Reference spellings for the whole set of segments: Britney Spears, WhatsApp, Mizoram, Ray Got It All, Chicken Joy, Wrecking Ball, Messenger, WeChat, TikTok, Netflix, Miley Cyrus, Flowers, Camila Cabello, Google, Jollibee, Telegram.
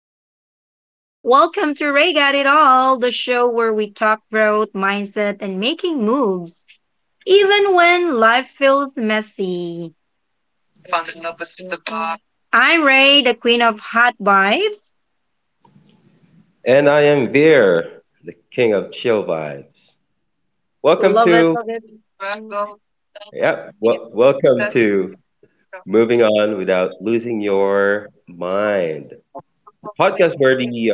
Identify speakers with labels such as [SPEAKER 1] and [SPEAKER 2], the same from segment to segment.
[SPEAKER 1] guys. Welcome to Ray Got It All, the show where we talk growth, mindset, and making moves, even when life feels messy. I'm Ray, the queen of hot vibes.
[SPEAKER 2] And I am Veer, the king of chill vibes. Welcome
[SPEAKER 1] Love it,
[SPEAKER 2] to,
[SPEAKER 1] love it.
[SPEAKER 2] Welcome to Moving On Without Losing Your Mind, the podcast where we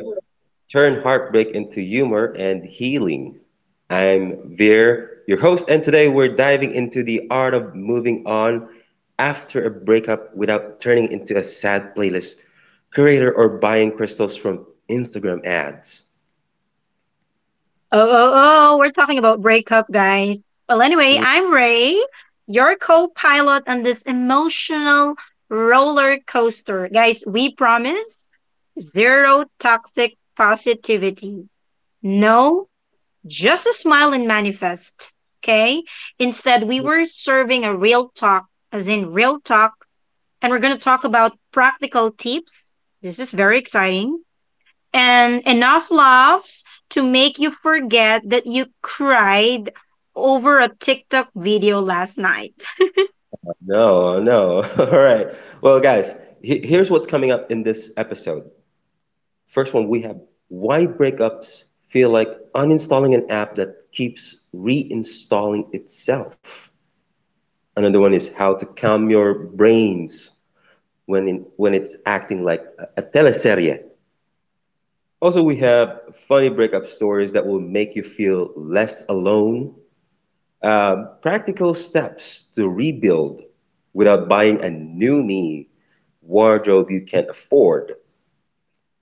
[SPEAKER 2] turn heartbreak into humor and healing. I'm Veer, your host, and today we're diving into the art of moving on after a breakup without turning into a sad playlist creator or buying crystals from Instagram ads.
[SPEAKER 1] Oh, oh, oh, we're talking about breakup, guys. Well, anyway, I'm Ray, your co pilot on this emotional roller coaster. Guys, we promise zero toxic positivity. No, just a smile and manifest. Okay? Instead, we were serving a real talk, as in real talk, and we're going to talk about practical tips. This is very exciting and enough laughs to make you forget that you cried over a TikTok video last night.
[SPEAKER 2] No, no. All right. Well, guys, here's what's coming up in this episode. First one, we have why breakups feel like uninstalling an app that keeps reinstalling itself. Another one is how to calm your brains when it's acting like a teleserie. Also, we have funny breakup stories that will make you feel less alone. Practical steps to rebuild without buying a new me wardrobe you can afford.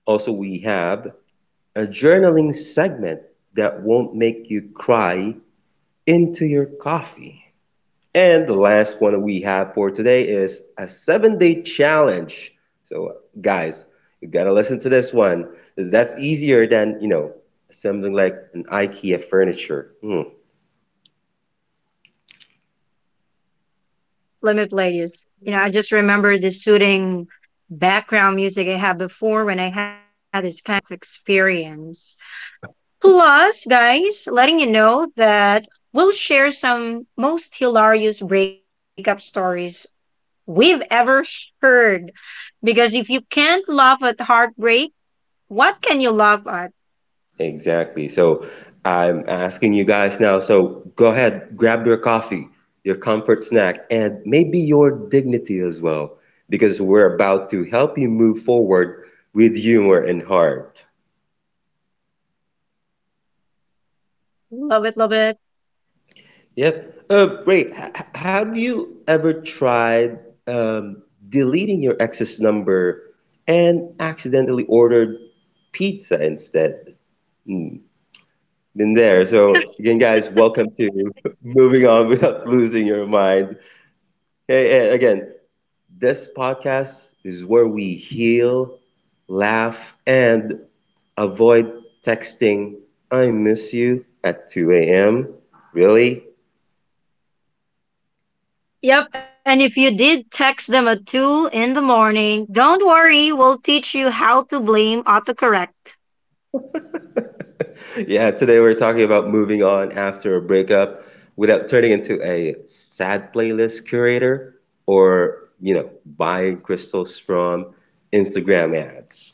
[SPEAKER 2] Also, we have a journaling segment that won't make you cry into your coffee. And the last one we have for today is a 7-day challenge. So, guys, you gotta listen to this one. That's easier than, assembling like an IKEA furniture. Hmm.
[SPEAKER 1] Let me play this. You know, I just remember the soothing background music I had before when I had this kind of experience. Plus, guys, letting you know that we'll share some most hilarious breakup stories we've ever heard. Because if you can't laugh at heartbreak, what can you laugh at?
[SPEAKER 2] Exactly. So I'm asking you guys now. So go ahead, grab your coffee, your comfort snack, and maybe your dignity as well, because we're about to help you move forward with humor and heart.
[SPEAKER 1] Love it, love it.
[SPEAKER 2] Yep. Ray, have you ever tried um, deleting your ex's number and accidentally ordered pizza instead? Hmm, been there. So again, guys, welcome to moving on without losing your mind. Hey, and again, this podcast is where we heal, laugh, and avoid texting, I miss you at 2 a.m. Really?
[SPEAKER 1] Yep, and if you did text them at 2 in the morning, don't worry, we'll teach you how to blame autocorrect.
[SPEAKER 2] Yeah, today we're talking about moving on after a breakup without turning into a sad playlist curator or, buying crystals from Instagram ads.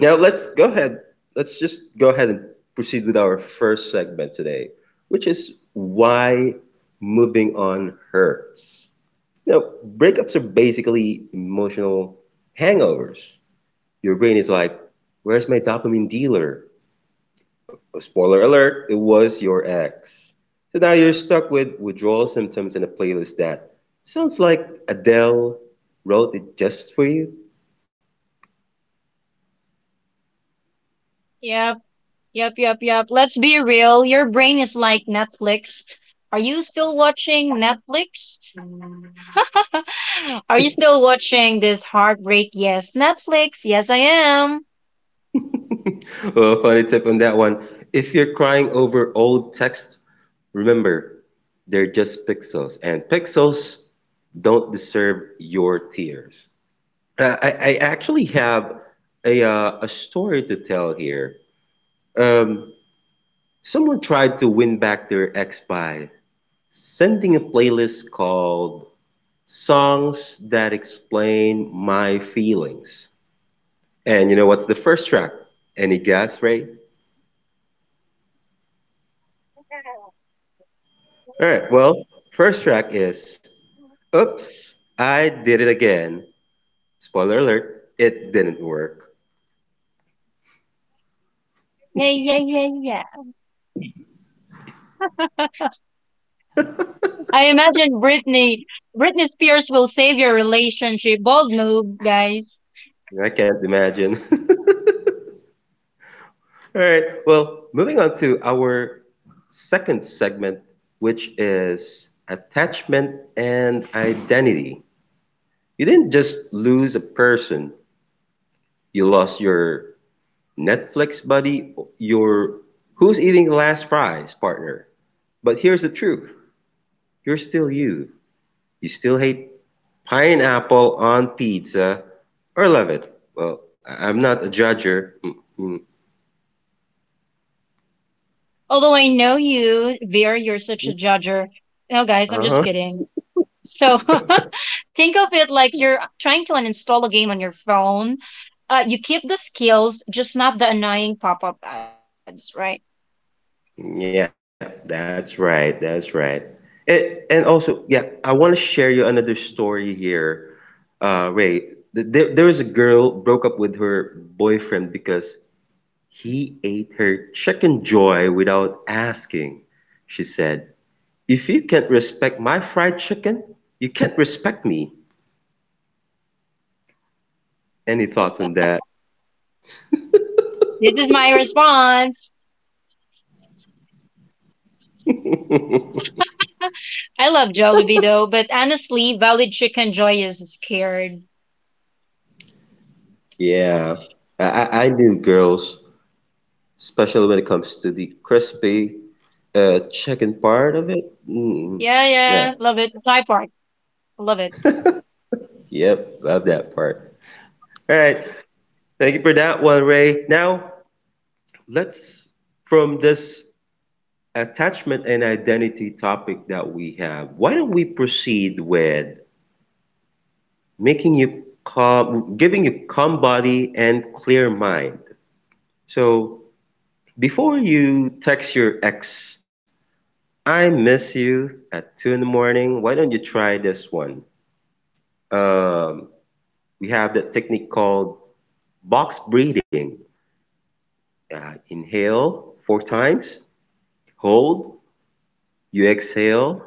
[SPEAKER 2] Now let's go ahead. Let's just go ahead and proceed with our first segment today, which is why moving on hurts. Now, breakups are basically emotional hangovers. Your brain is like, where's my dopamine dealer? Oh, spoiler alert, it was your ex. So now you're stuck with withdrawal symptoms and a playlist that sounds like Adele wrote it just for you.
[SPEAKER 1] Yep, yep. Let's be real. Your brain is like Netflix. Are you still watching Netflix? Are you still watching this heartbreak? Yes, Netflix. Yes, I am.
[SPEAKER 2] Well, funny tip on that one. If you're crying over old text, remember, they're just pixels, and pixels don't deserve your tears. I actually have a story to tell here. Um, Someone tried to win back their ex by sending a playlist called songs that explain my feelings. And you know what's the first track? Any guess, Ray? All right, well, first track is Oops, I Did It Again. Spoiler alert, it didn't work.
[SPEAKER 1] Yeah. I imagine Britney Spears will save your relationship. Bold move, guys.
[SPEAKER 2] I can't imagine. All right, well, moving on to our second segment, which is attachment and identity. You didn't just lose a person, you lost your Netflix buddy, you're who's eating the last fries, partner. But here's the truth. You're still you. You still hate pineapple on pizza or love it. Well, I'm not a judger. Mm,
[SPEAKER 1] Although I know you, Veer, you're such a
[SPEAKER 2] mm.
[SPEAKER 1] judger. No, guys, I'm just
[SPEAKER 2] Uh-huh.
[SPEAKER 1] kidding. So think of it like you're trying to uninstall a game on your phone. You keep the skills, just not the annoying pop up ads, right?
[SPEAKER 2] Yeah, that's right. That's right. And and also, yeah, I want to share you another story here. Ray, there was a girl broke up with her boyfriend because "He ate her Chicken Joy without asking," she said. "If you can't respect my fried chicken, you can't respect me. Any thoughts on that?"
[SPEAKER 1] This is my response. I love Jollibee though, but honestly, Valid Chicken Joy is scared.
[SPEAKER 2] Yeah, I knew girls, especially when it comes to the crispy chicken part of it. Mm,
[SPEAKER 1] Yeah,
[SPEAKER 2] yeah,
[SPEAKER 1] yeah, love it. Thai part, love it.
[SPEAKER 2] yep, love that part. All right, thank you for that one, Ray. Now let's from this. Attachment and identity topic that we have, why don't we proceed with making you calm, giving you calm body and clear mind? So before you text your ex, I miss you at 2 in the morning. Why don't you try this one? Um, we have that technique called box breathing. Inhale 4 times, hold, you exhale,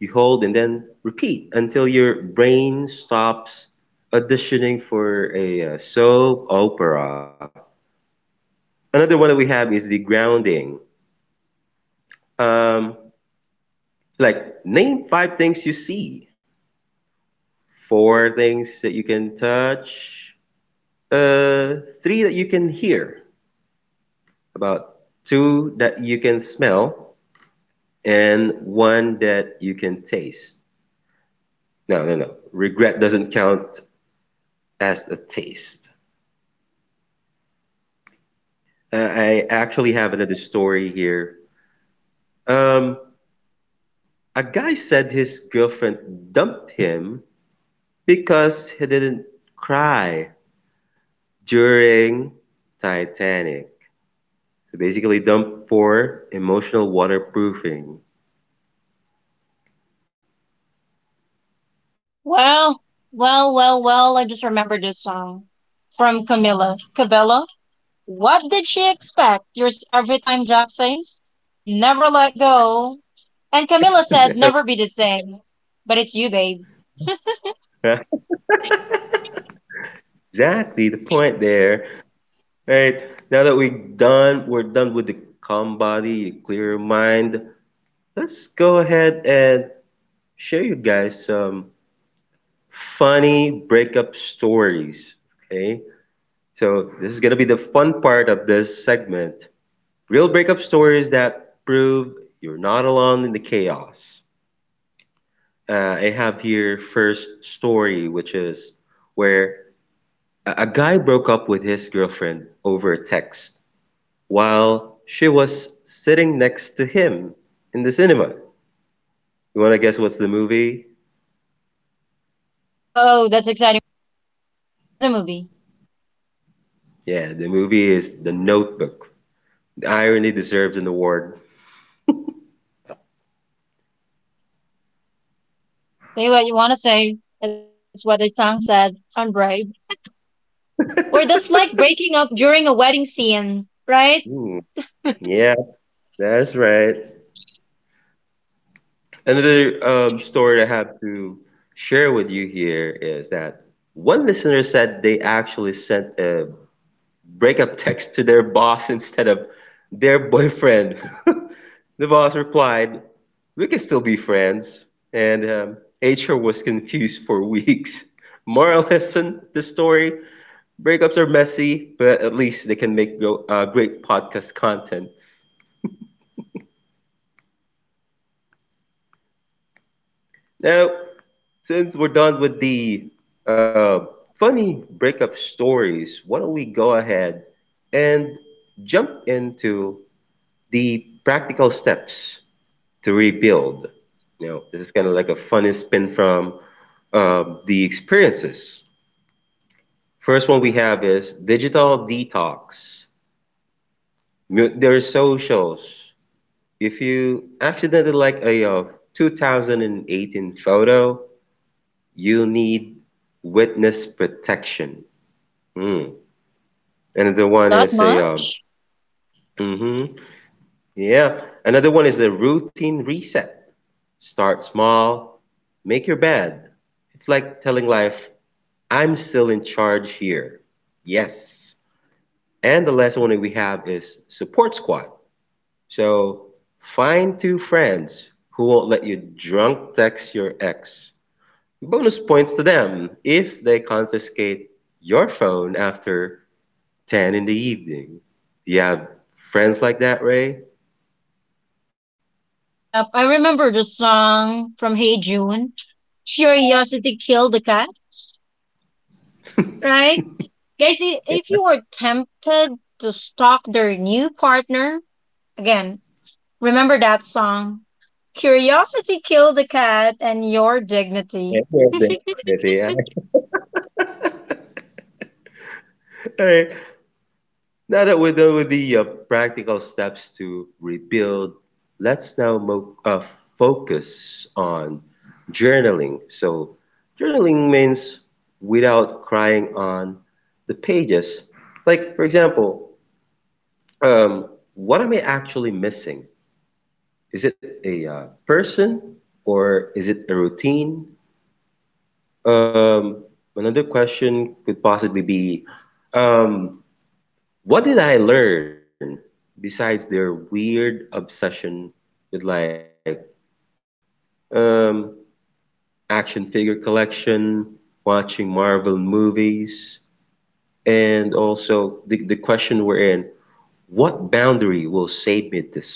[SPEAKER 2] you hold and then repeat until your brain stops auditioning for a soap opera. Another one that we have is the grounding. Um, like name five things you see, four things that you can touch, three that you can hear, about two that you can smell, and one that you can taste. No, no, no. Regret doesn't count as a taste. I actually have another story here. Um, a guy said his girlfriend dumped him because he didn't cry during Titanic. So basically, dump for emotional waterproofing.
[SPEAKER 1] Well, well, I just remembered this song from Camila Cabello. What did she expect? Yours every time, Jack says. Never let go. And Camilla said, never be the same. But it's you, babe.
[SPEAKER 2] Exactly the point there. All right, now that we're done with the calm body, the clear mind. Let's go ahead and share you guys some funny breakup stories. Okay, so this is gonna be the fun part of this segment. Real breakup stories that prove you're not alone in the chaos. I have here first story, which is where a guy broke up with his girlfriend over a text while she was sitting next to him in the cinema. You wanna guess what's the movie?
[SPEAKER 1] Oh, oh, that's exciting. What's the movie?
[SPEAKER 2] Yeah, the movie is The Notebook. The irony deserves an award.
[SPEAKER 1] Say what you want to say. That's what the song said on Brave. Where that's like breaking up during a wedding scene, right?
[SPEAKER 2] Hmm. Yeah, that's right. Another story I have to share with you here is that one listener said they actually sent a breakup text to their boss instead of their boyfriend. The boss replied, we can still be friends. And HR was confused for weeks. Moral lesson the story breakups are messy, but at least they can make go, great podcast content. Now, since we're done with the uh, funny breakup stories, why don't we go ahead and jump into the practical steps to rebuild? You know, this is kind of like a funny spin from the experiences. First one we have is digital detox. There are socials. If you accidentally like a 2018 photo, you need witness protection. Hmm. Another one
[SPEAKER 1] That
[SPEAKER 2] is a
[SPEAKER 1] much?
[SPEAKER 2] hmm Yeah. Another one is a routine reset. Start small, make your bed. It's like telling life, I'm still in charge here. Yes. And the last one that we have is support squad. So find two friends who won't let you drunk text your ex. Bonus points to them if they confiscate your phone after 10 in the evening. Do you have friends like that, Ray?
[SPEAKER 1] Yep, I remember the song from Hey June. Curiosity killed the cat, right? Guys, if you
[SPEAKER 2] Yeah,
[SPEAKER 1] were tempted to stalk their new partner, again, remember that song. Curiosity killed the cat and your dignity.
[SPEAKER 2] yeah, yeah, definitely. Yeah. All right. Now that we're done with the practical steps to rebuild, let's now mo focus on journaling. So, journaling means without crying on the pages. Like, for example, um, what am I actually missing? Is it a person or is it a routine? Um, Another question could possibly be. Um, What did I learn besides their weird obsession with um action figure collection, watching Marvel movies, and also the question we're in, what boundary will save me this week?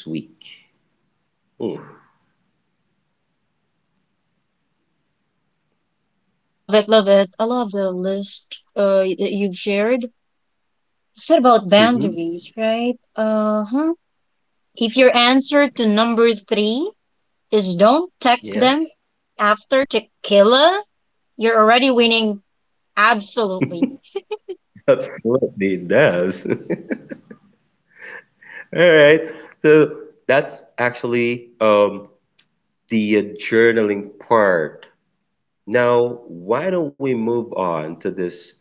[SPEAKER 2] Hmm.
[SPEAKER 1] Love it, love it. I love the list that you've shared. You said about
[SPEAKER 2] Mm-hmm.
[SPEAKER 1] boundaries, right? Uh huh. If your answer to number three is don't text
[SPEAKER 2] Yeah,
[SPEAKER 1] them after tequila, you're already winning. Absolutely.
[SPEAKER 2] absolutely it does. All right. So that's actually the journaling part. Now, why don't we move on to this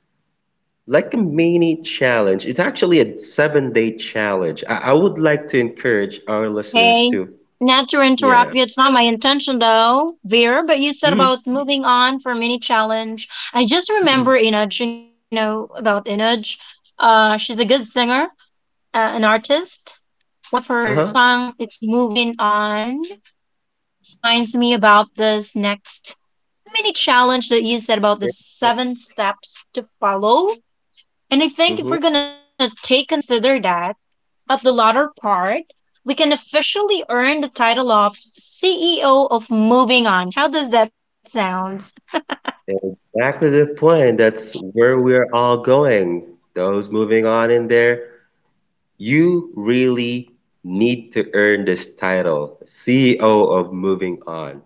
[SPEAKER 2] like a mini challenge. It's actually a 7-day challenge. I would like to encourage our listeners
[SPEAKER 1] Hey,
[SPEAKER 2] to,
[SPEAKER 1] not to
[SPEAKER 2] yeah.
[SPEAKER 1] interrupt you. It's not my intention though, Veer, but you said
[SPEAKER 2] Mhm.
[SPEAKER 1] about moving on from any challenge. I just remember Inaj, you know, about Inaj. She's a good singer, an artist. One of her
[SPEAKER 2] Uh-huh.
[SPEAKER 1] song, it's Moving On. So this reminds me about this next mini challenge that you said about the seven steps to follow. And I think if we're
[SPEAKER 2] Hmm.
[SPEAKER 1] gonna take consider that, at the latter part, we can officially earn the title of CEO of Moving On. How does that sound?
[SPEAKER 2] Exactly the point. That's where we're all going. Those moving on in there, you really need to earn this title, CEO of Moving On.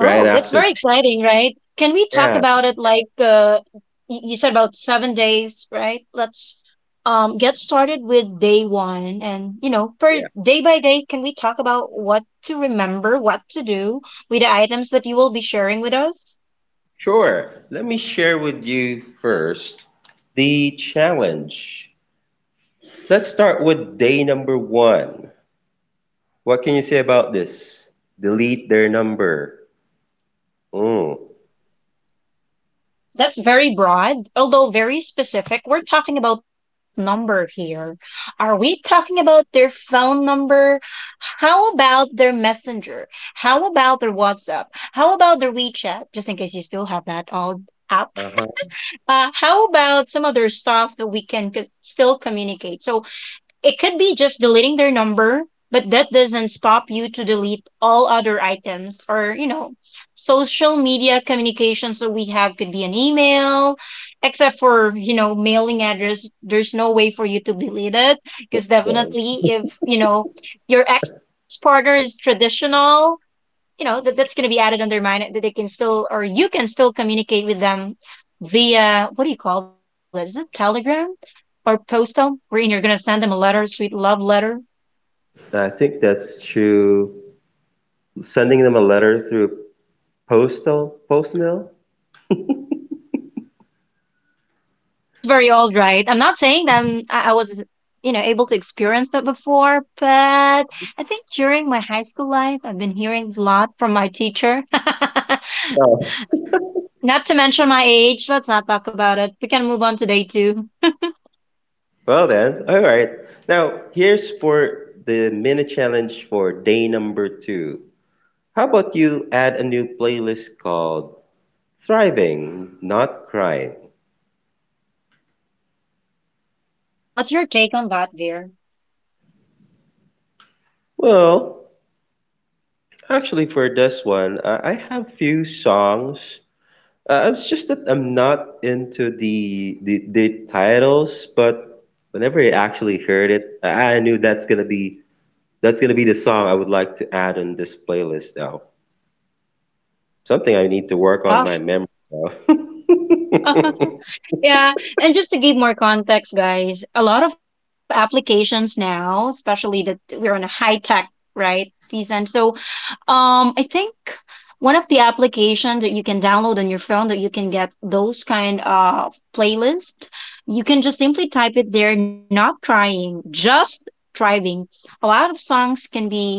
[SPEAKER 2] Right
[SPEAKER 1] that's
[SPEAKER 2] after,
[SPEAKER 1] very exciting, right? Can we talk
[SPEAKER 2] yeah,
[SPEAKER 1] about it like you said about 7 days, right? Let's get started with day one. And, you know, per
[SPEAKER 2] yeah,
[SPEAKER 1] day by day, can we talk about what to remember, what to do with the items that you will be sharing with us?
[SPEAKER 2] sure. Let me share with you first the challenge. Let's start with day number 1. What can you say about this? Delete their number. Mm.
[SPEAKER 1] That's very broad, although very specific. We're talking about number here. Are we talking about their phone number? How about their messenger? How about their WhatsApp? How about their WeChat? Just in case you still have that old app.
[SPEAKER 2] Uh-huh.
[SPEAKER 1] How about some other stuff that we can still communicate? So it could be just deleting their number, but that doesn't stop you to delete all other items or, you know, social media communications that we have could be an email, except for, you know, mailing address. There's no way for you to delete it because
[SPEAKER 2] Well,
[SPEAKER 1] definitely if, you know, your ex partner is traditional, you know that that's going to be added under mine that they can still or you can still communicate with them via what do you call that, is it telegram or postal wherein you're going to send them a letter, sweet love letter?
[SPEAKER 2] I think that's through sending them a letter through postal post mail.
[SPEAKER 1] That's very old, right? I'm not saying that I was, you know, able to experience that before, but I think during my high school life, I've been hearing a lot from my teacher.
[SPEAKER 2] Oh.
[SPEAKER 1] Not to mention my age, let's not talk about it. We can move on to day two.
[SPEAKER 2] Well then, all right. Now here's for the mini challenge for day number 2. How about you add a new playlist called Thriving, Not Crying?
[SPEAKER 1] What's your take on that, Veer?
[SPEAKER 2] Well, actually for this one, I have few songs. It's just that I'm not into the, the titles, but whenever I actually heard it, I knew that's gonna be the song I would like to add on this playlist now. Something I need to work on
[SPEAKER 1] Oh.
[SPEAKER 2] my memory now.
[SPEAKER 1] Yeah, and just to give more context, guys, a lot of applications now, especially that we're on a high tech right season. So, I think one of the application that you can download on your phone that you can get those kind of playlist, you can just simply type it there, not crying, just thriving. A lot of songs can be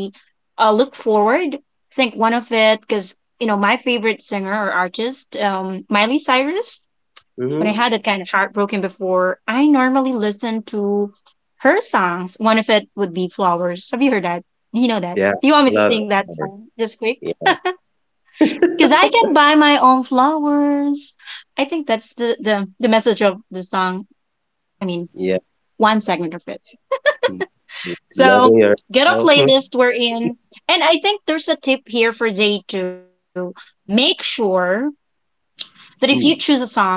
[SPEAKER 1] look forward. I think one of it because you know my favorite singer or artist, Miley Cyrus, when
[SPEAKER 2] Hmm.
[SPEAKER 1] I had that kind of heartbroken before, I normally listen to her songs. One of it would be Flowers. Have you heard that? Do you know that?
[SPEAKER 2] Yeah,
[SPEAKER 1] Do you want me to
[SPEAKER 2] love
[SPEAKER 1] sing that
[SPEAKER 2] power.
[SPEAKER 1] song just quick?
[SPEAKER 2] Yeah,
[SPEAKER 1] Because I can buy my own flowers. I think that's the message of the song. I mean,
[SPEAKER 2] yeah,
[SPEAKER 1] one segment of it. So
[SPEAKER 2] loving
[SPEAKER 1] get a
[SPEAKER 2] yourself.
[SPEAKER 1] playlist we're in. And I think there's a tip here for day two. Make sure that if you choose a
[SPEAKER 2] Ooh,
[SPEAKER 1] song,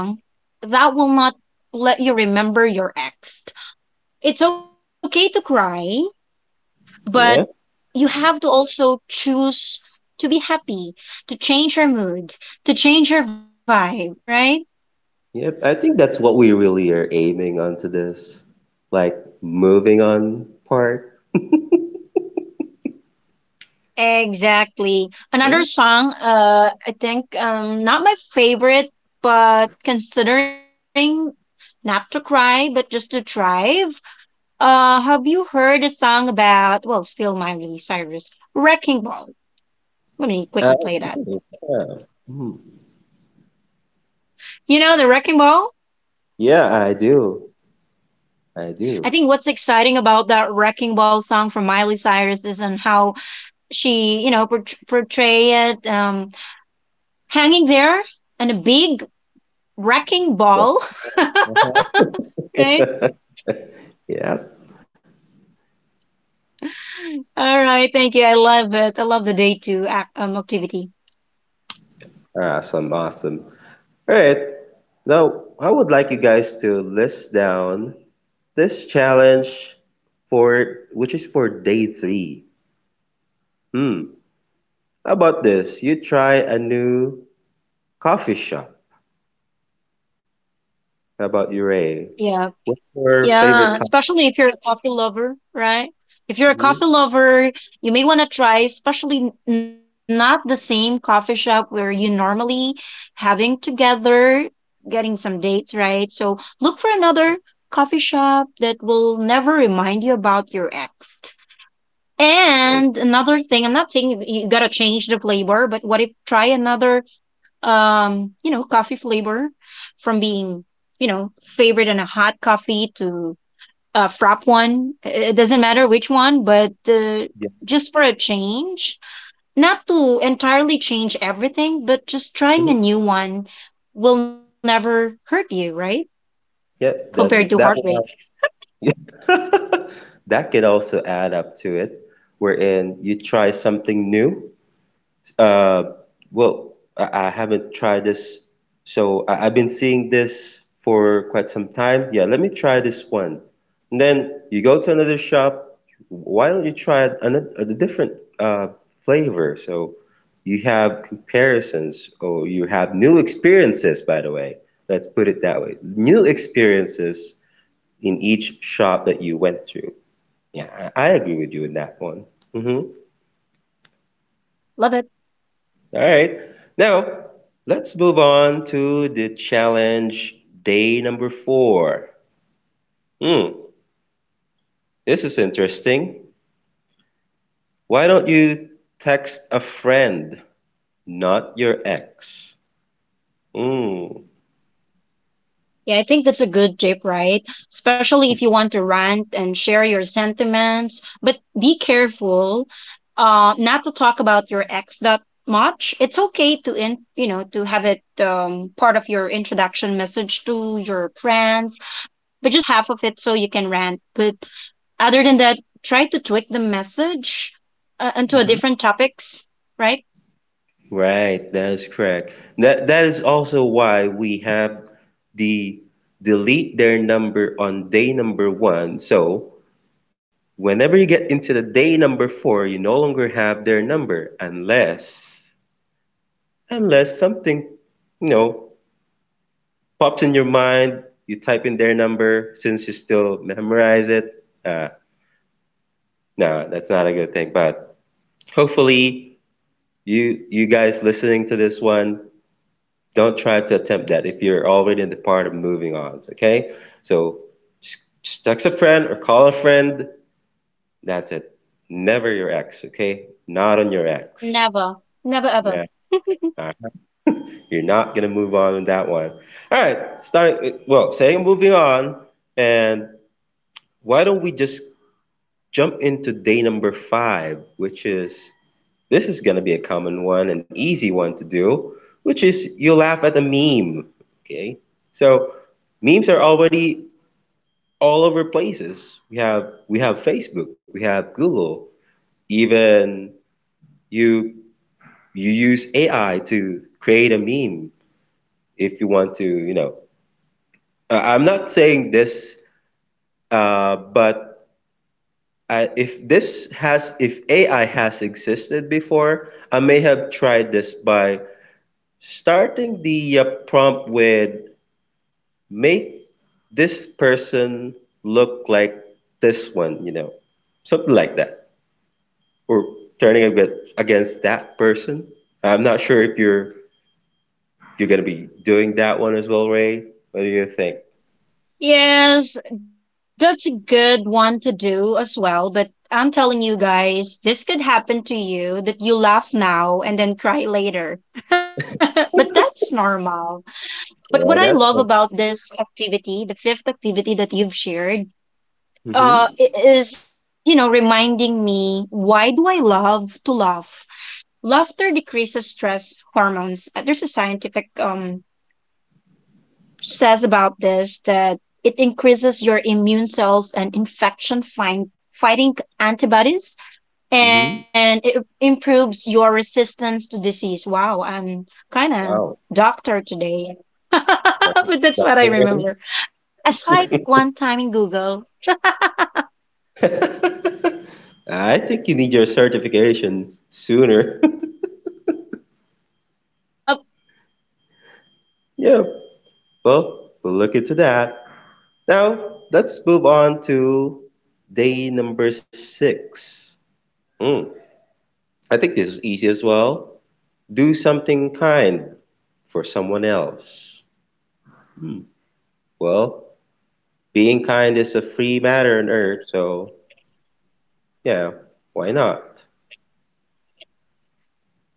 [SPEAKER 1] that will not let you remember your ex. It's okay to cry, but
[SPEAKER 2] yeah,
[SPEAKER 1] you have to also choose to be happy, to change your mood, to change your vibe, right?
[SPEAKER 2] yeah. I think that's what we really are aiming onto this, like moving on part.
[SPEAKER 1] Exactly. Another
[SPEAKER 2] Yeah.
[SPEAKER 1] song, I think, not my favorite, but considering not to cry, but just to thrive. Have you heard a song about, well, still Miley Cyrus, Wrecking Ball? Let me quickly
[SPEAKER 2] I
[SPEAKER 1] play that.
[SPEAKER 2] do. Yeah. Mhm.
[SPEAKER 1] You know the Wrecking Ball?
[SPEAKER 2] Yeah, I do. I
[SPEAKER 1] I
[SPEAKER 2] do.
[SPEAKER 1] think what's exciting about that Wrecking Ball song from Miley Cyrus is and how she, you know, portray it, hanging there on a big wrecking
[SPEAKER 2] Yeah.
[SPEAKER 1] ball, right?
[SPEAKER 2] Uh-huh. Yeah.
[SPEAKER 1] All right, thank you. I love it. I love the day two activity.
[SPEAKER 2] Awesome. Awesome. All right. Now, I would like you guys to list down this challenge for which is for day 3. Hmm. How about this? You try a new coffee shop. How about you, Ray?
[SPEAKER 1] Yeah.
[SPEAKER 2] What's your
[SPEAKER 1] Yeah,
[SPEAKER 2] favorite coffee?
[SPEAKER 1] especially if you're a coffee lover, right? If you're a coffee
[SPEAKER 2] Mhm.
[SPEAKER 1] lover, you may want to try, especially not the same coffee shop where you normally having together, getting some dates, right? So look for another coffee shop that will never remind you about your ex.
[SPEAKER 2] Eh,
[SPEAKER 1] And another thing, I'm not saying you, you gotta change the flavor, but what if try another, you know, coffee flavor from being, you know, favorite and a hot coffee to frap one. It doesn't matter which one, but
[SPEAKER 2] yeah.
[SPEAKER 1] just for a change, not to entirely change everything, but just trying
[SPEAKER 2] Mhm.
[SPEAKER 1] a new one will never hurt you, right?
[SPEAKER 2] Yep.
[SPEAKER 1] Compared
[SPEAKER 2] That
[SPEAKER 1] to
[SPEAKER 2] that
[SPEAKER 1] heartbreak.
[SPEAKER 2] one Yeah. That could also add up to it, wherein you try something new. Uh, well, I haven't tried this, so I've been seeing this for quite some time. Yeah, let me try this one. And then you go to another shop. Why don't you try another, a different uh, flavor? So you have comparisons, or you have new experiences, by the way. Let's put it that way. New experiences in each shop that you went through. Yeah, I agree with you in that one. Mhm.
[SPEAKER 1] Love it.
[SPEAKER 2] All right. Now, let's move on to the challenge day number four. Hmm, this is interesting. Why don't you text a friend, not your ex? Hmm.
[SPEAKER 1] Yeah, I think that's a good tip, right? Especially if you want to rant and share your sentiments, but be careful not to talk about your ex that much. It's okay to in, you know, to have it part of your introduction message to your friends, but just half of it so you can rant. But other than that, try to tweak the message into a
[SPEAKER 2] Hmm.
[SPEAKER 1] different topics, right?
[SPEAKER 2] Right, that is correct. That is also why we have the delete their number on day number one. So whenever you get into the day number four, you no longer have their number, unless something, you know pops in your mind. You type in their number since you still memorize it. Uh, no, that's not a good thing. But hopefully, you guys listening to this one, don't try to attempt that if you're already in the part of moving on. Okay, so just text a friend or call a friend. That's it. Never your ex. Okay, not on your ex.
[SPEAKER 1] Never. Never ever.
[SPEAKER 2] Nah. All right. You're not gonna move on in that one. All right. Start. Well, saying moving on, and why don't we just jump into day number five, which is this is gonna be a common one, an easy one to do, which is you laugh at a meme. Okay. So memes are already all over places. We have Facebook, we have Google, even you you use AI to create a meme if you want to, you know. I'm not saying this, but I, if this has, if AI has existed before, I may have tried this by starting the prompt with make this person look like this one, you know, something like that, or turning against, that person. I'm not sure if you're gonna be doing that one as well, Ray. What do you think?
[SPEAKER 1] Yes, that's a good one to do as well. But I'm telling you guys, this could happen to you that you laugh now and then cry later. But that's normal. But
[SPEAKER 2] Yeah,
[SPEAKER 1] what I
[SPEAKER 2] that's.
[SPEAKER 1] love about this activity, the fifth activity that you've shared,
[SPEAKER 2] Mm-hmm.
[SPEAKER 1] is, you know, reminding me why do I love to laugh? Laughter decreases stress hormones. There's a scientific says about this that it increases your immune cells and infection fighting antibodies,
[SPEAKER 2] Mm-hmm.
[SPEAKER 1] and it improves your resistance to disease. Wow, I'm kind of
[SPEAKER 2] Wow.
[SPEAKER 1] doctor today. But that's
[SPEAKER 2] All
[SPEAKER 1] what I
[SPEAKER 2] right.
[SPEAKER 1] remember. Aside one time in Google.
[SPEAKER 2] I think you need your certification sooner.
[SPEAKER 1] Yep.
[SPEAKER 2] Yeah, well, we'll look into that. Now, let's move on to day number six. Hmm, I think this is easy as well. Do something kind for someone else. Hmm, well, being kind is a free matter on earth, so yeah, why not?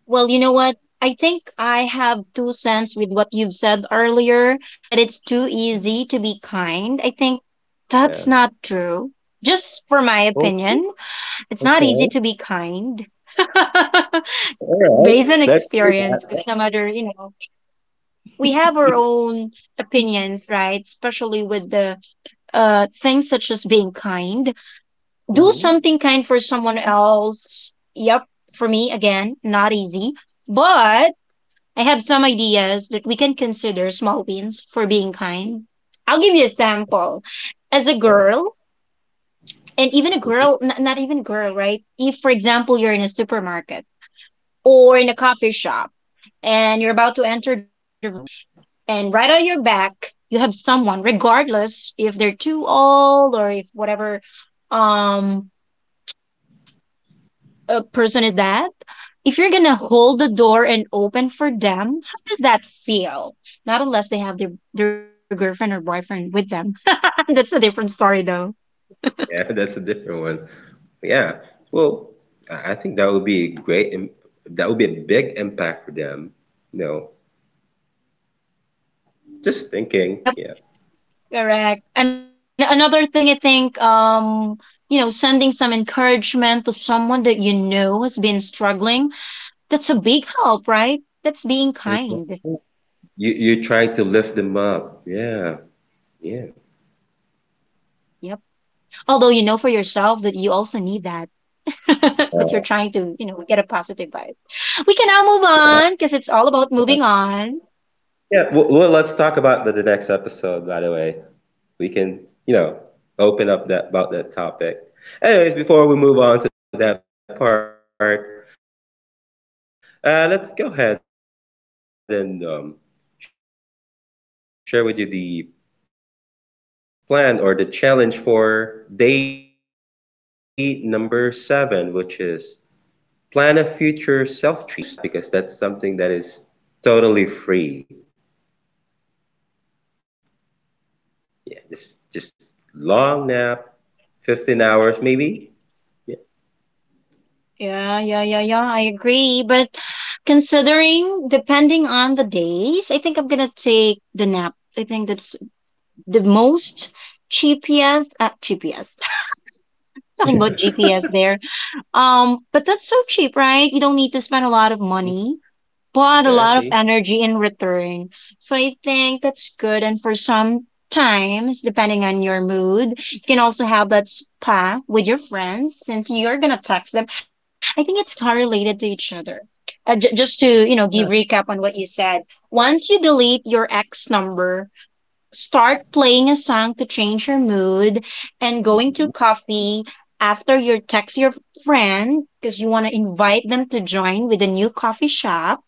[SPEAKER 1] Well, you know what? I think I have two cents with what you've said earlier that it's too easy to be kind. I think
[SPEAKER 2] Yeah.
[SPEAKER 1] that's not true. Just for my
[SPEAKER 2] Oh,
[SPEAKER 1] opinion, it's not easy
[SPEAKER 2] okay.
[SPEAKER 1] to be kind.
[SPEAKER 2] All
[SPEAKER 1] Based on
[SPEAKER 2] right. Let's hear
[SPEAKER 1] experience, because
[SPEAKER 2] that.
[SPEAKER 1] no matter, you know, we have our own opinions, right? Especially with the things such as being kind. Do something kind for someone else. Yep, for me again, not easy. But I have some ideas that we can consider small wins for being kind. I'll give you a sample. As a girl, and even a
[SPEAKER 2] Hmm.
[SPEAKER 1] girl, not even girl, right? If, for example, you're in a supermarket or in a coffee shop and you're about to enter the room and right on your back you have someone regardless if they're too old or if whatever um a person is, that if you're gonna hold the door and open for them, how does that feel? Not unless they have their girlfriend or boyfriend with them, that's a different story though.
[SPEAKER 2] Yeah, that's a different one. Yeah. Well, I think that would be a great, im- that would be a big impact for them. You know, just thinking.
[SPEAKER 1] Yep,
[SPEAKER 2] Yeah.
[SPEAKER 1] correct. And another thing, I think, you know, sending some encouragement to someone that you know has been struggling. That's a big help, right? That's being kind.
[SPEAKER 2] Exactly. You you're trying to lift them up. Yeah. Yeah.
[SPEAKER 1] Yep. Although you know for yourself that you also need that, but you're trying
[SPEAKER 2] Uh,
[SPEAKER 1] to, you know, get a positive vibe. We can now move on because it's all about moving on.
[SPEAKER 2] yeah. Well, let's talk about the next episode, by the way. We can, you know, open up that about that topic. Anyways, before we move on to that part, let's go ahead and share with you the plan or the challenge for day number seven, which is plan a future self treat, a spa, a trip, or like just a nap. Probably I'll go with a nap because that's something that is totally free. Yeah, just long nap, 15 hours maybe. Yeah.
[SPEAKER 1] Yeah. I agree. But considering, depending on the days, I think I'm going to take the nap. I think that's the most GPS. Talking about GPS there. But that's so cheap, right? You don't need to spend a lot of money but a lot of
[SPEAKER 2] Exactly.
[SPEAKER 1] energy in return. So I think that's good. And for some times, depending on your mood, you can also have that spa with your friends since you're gonna text them. I think it's correlated to each other. Just to, you know, give recap
[SPEAKER 2] Yeah.
[SPEAKER 1] on what you said. Once you delete your ex number, start playing a song to change your mood, and going to
[SPEAKER 2] Mhm.
[SPEAKER 1] coffee after you text your friend because you want to invite them to join with a new coffee shop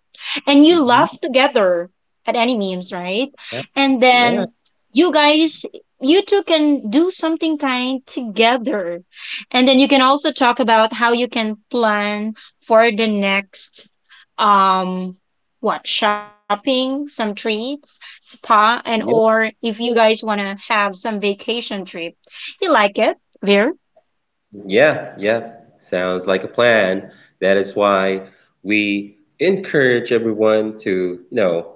[SPEAKER 1] and you laugh
[SPEAKER 2] Mhm.
[SPEAKER 1] together at any memes, right?
[SPEAKER 2] Yeah.
[SPEAKER 1] And then
[SPEAKER 2] Yeah.
[SPEAKER 1] you guys, you two can do something kind together. And then you can also talk about how you can plan for the next, um, what shopping, some treats, spa, and
[SPEAKER 2] Yeah.
[SPEAKER 1] or if you guys want to have some vacation trip. You like it, Veer?
[SPEAKER 2] Yeah. Yeah. Sounds like a plan. That is why we encourage everyone to, you know,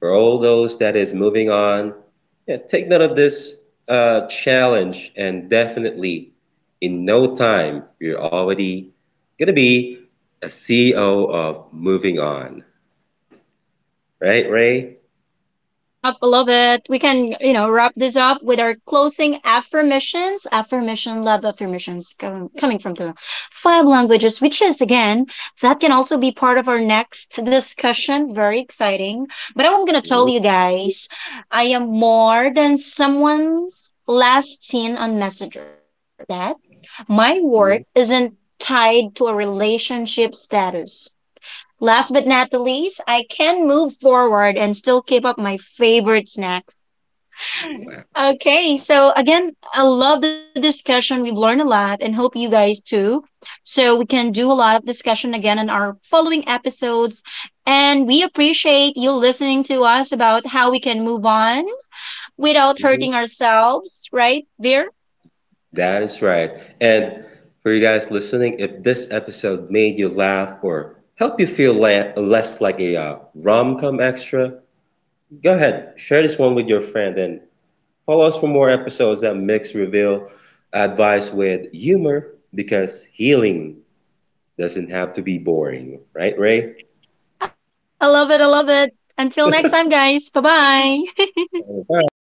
[SPEAKER 2] for all those that is moving on, yeah, take note of this challenge and definitely in no time you're already gonna be a CEO of moving on. Right, Ray?
[SPEAKER 1] Yep, I love it. We can, you know, wrap this up with our closing affirmations. Affirmation, love affirmations coming from the five languages, which is again, that can also be part of our next discussion. Very exciting. But I'm going to tell you guys, I am more than someone's last seen on Messenger. Take note of that. My worth
[SPEAKER 2] Mhm.
[SPEAKER 1] isn't tied to a relationship status. Last but not the least, I can move forward and still keep up my favorite snacks. Okay, so again, I love the discussion. We've learned a lot and hope you guys too. So we can do a lot of discussion again in our following episodes. And we appreciate you listening to us about how we can move on without
[SPEAKER 2] Mhm.
[SPEAKER 1] hurting ourselves, right, Veer?
[SPEAKER 2] That is right. And for you guys listening, if this episode made you laugh or help you feel la- less like a rom-com extra, go ahead, share this one with your friend and follow us for more episodes that mix reveal advice with humor because healing doesn't have to be boring, right, Ray?
[SPEAKER 1] I love it. I love it. Until next time, guys. Bye bye.
[SPEAKER 2] All right.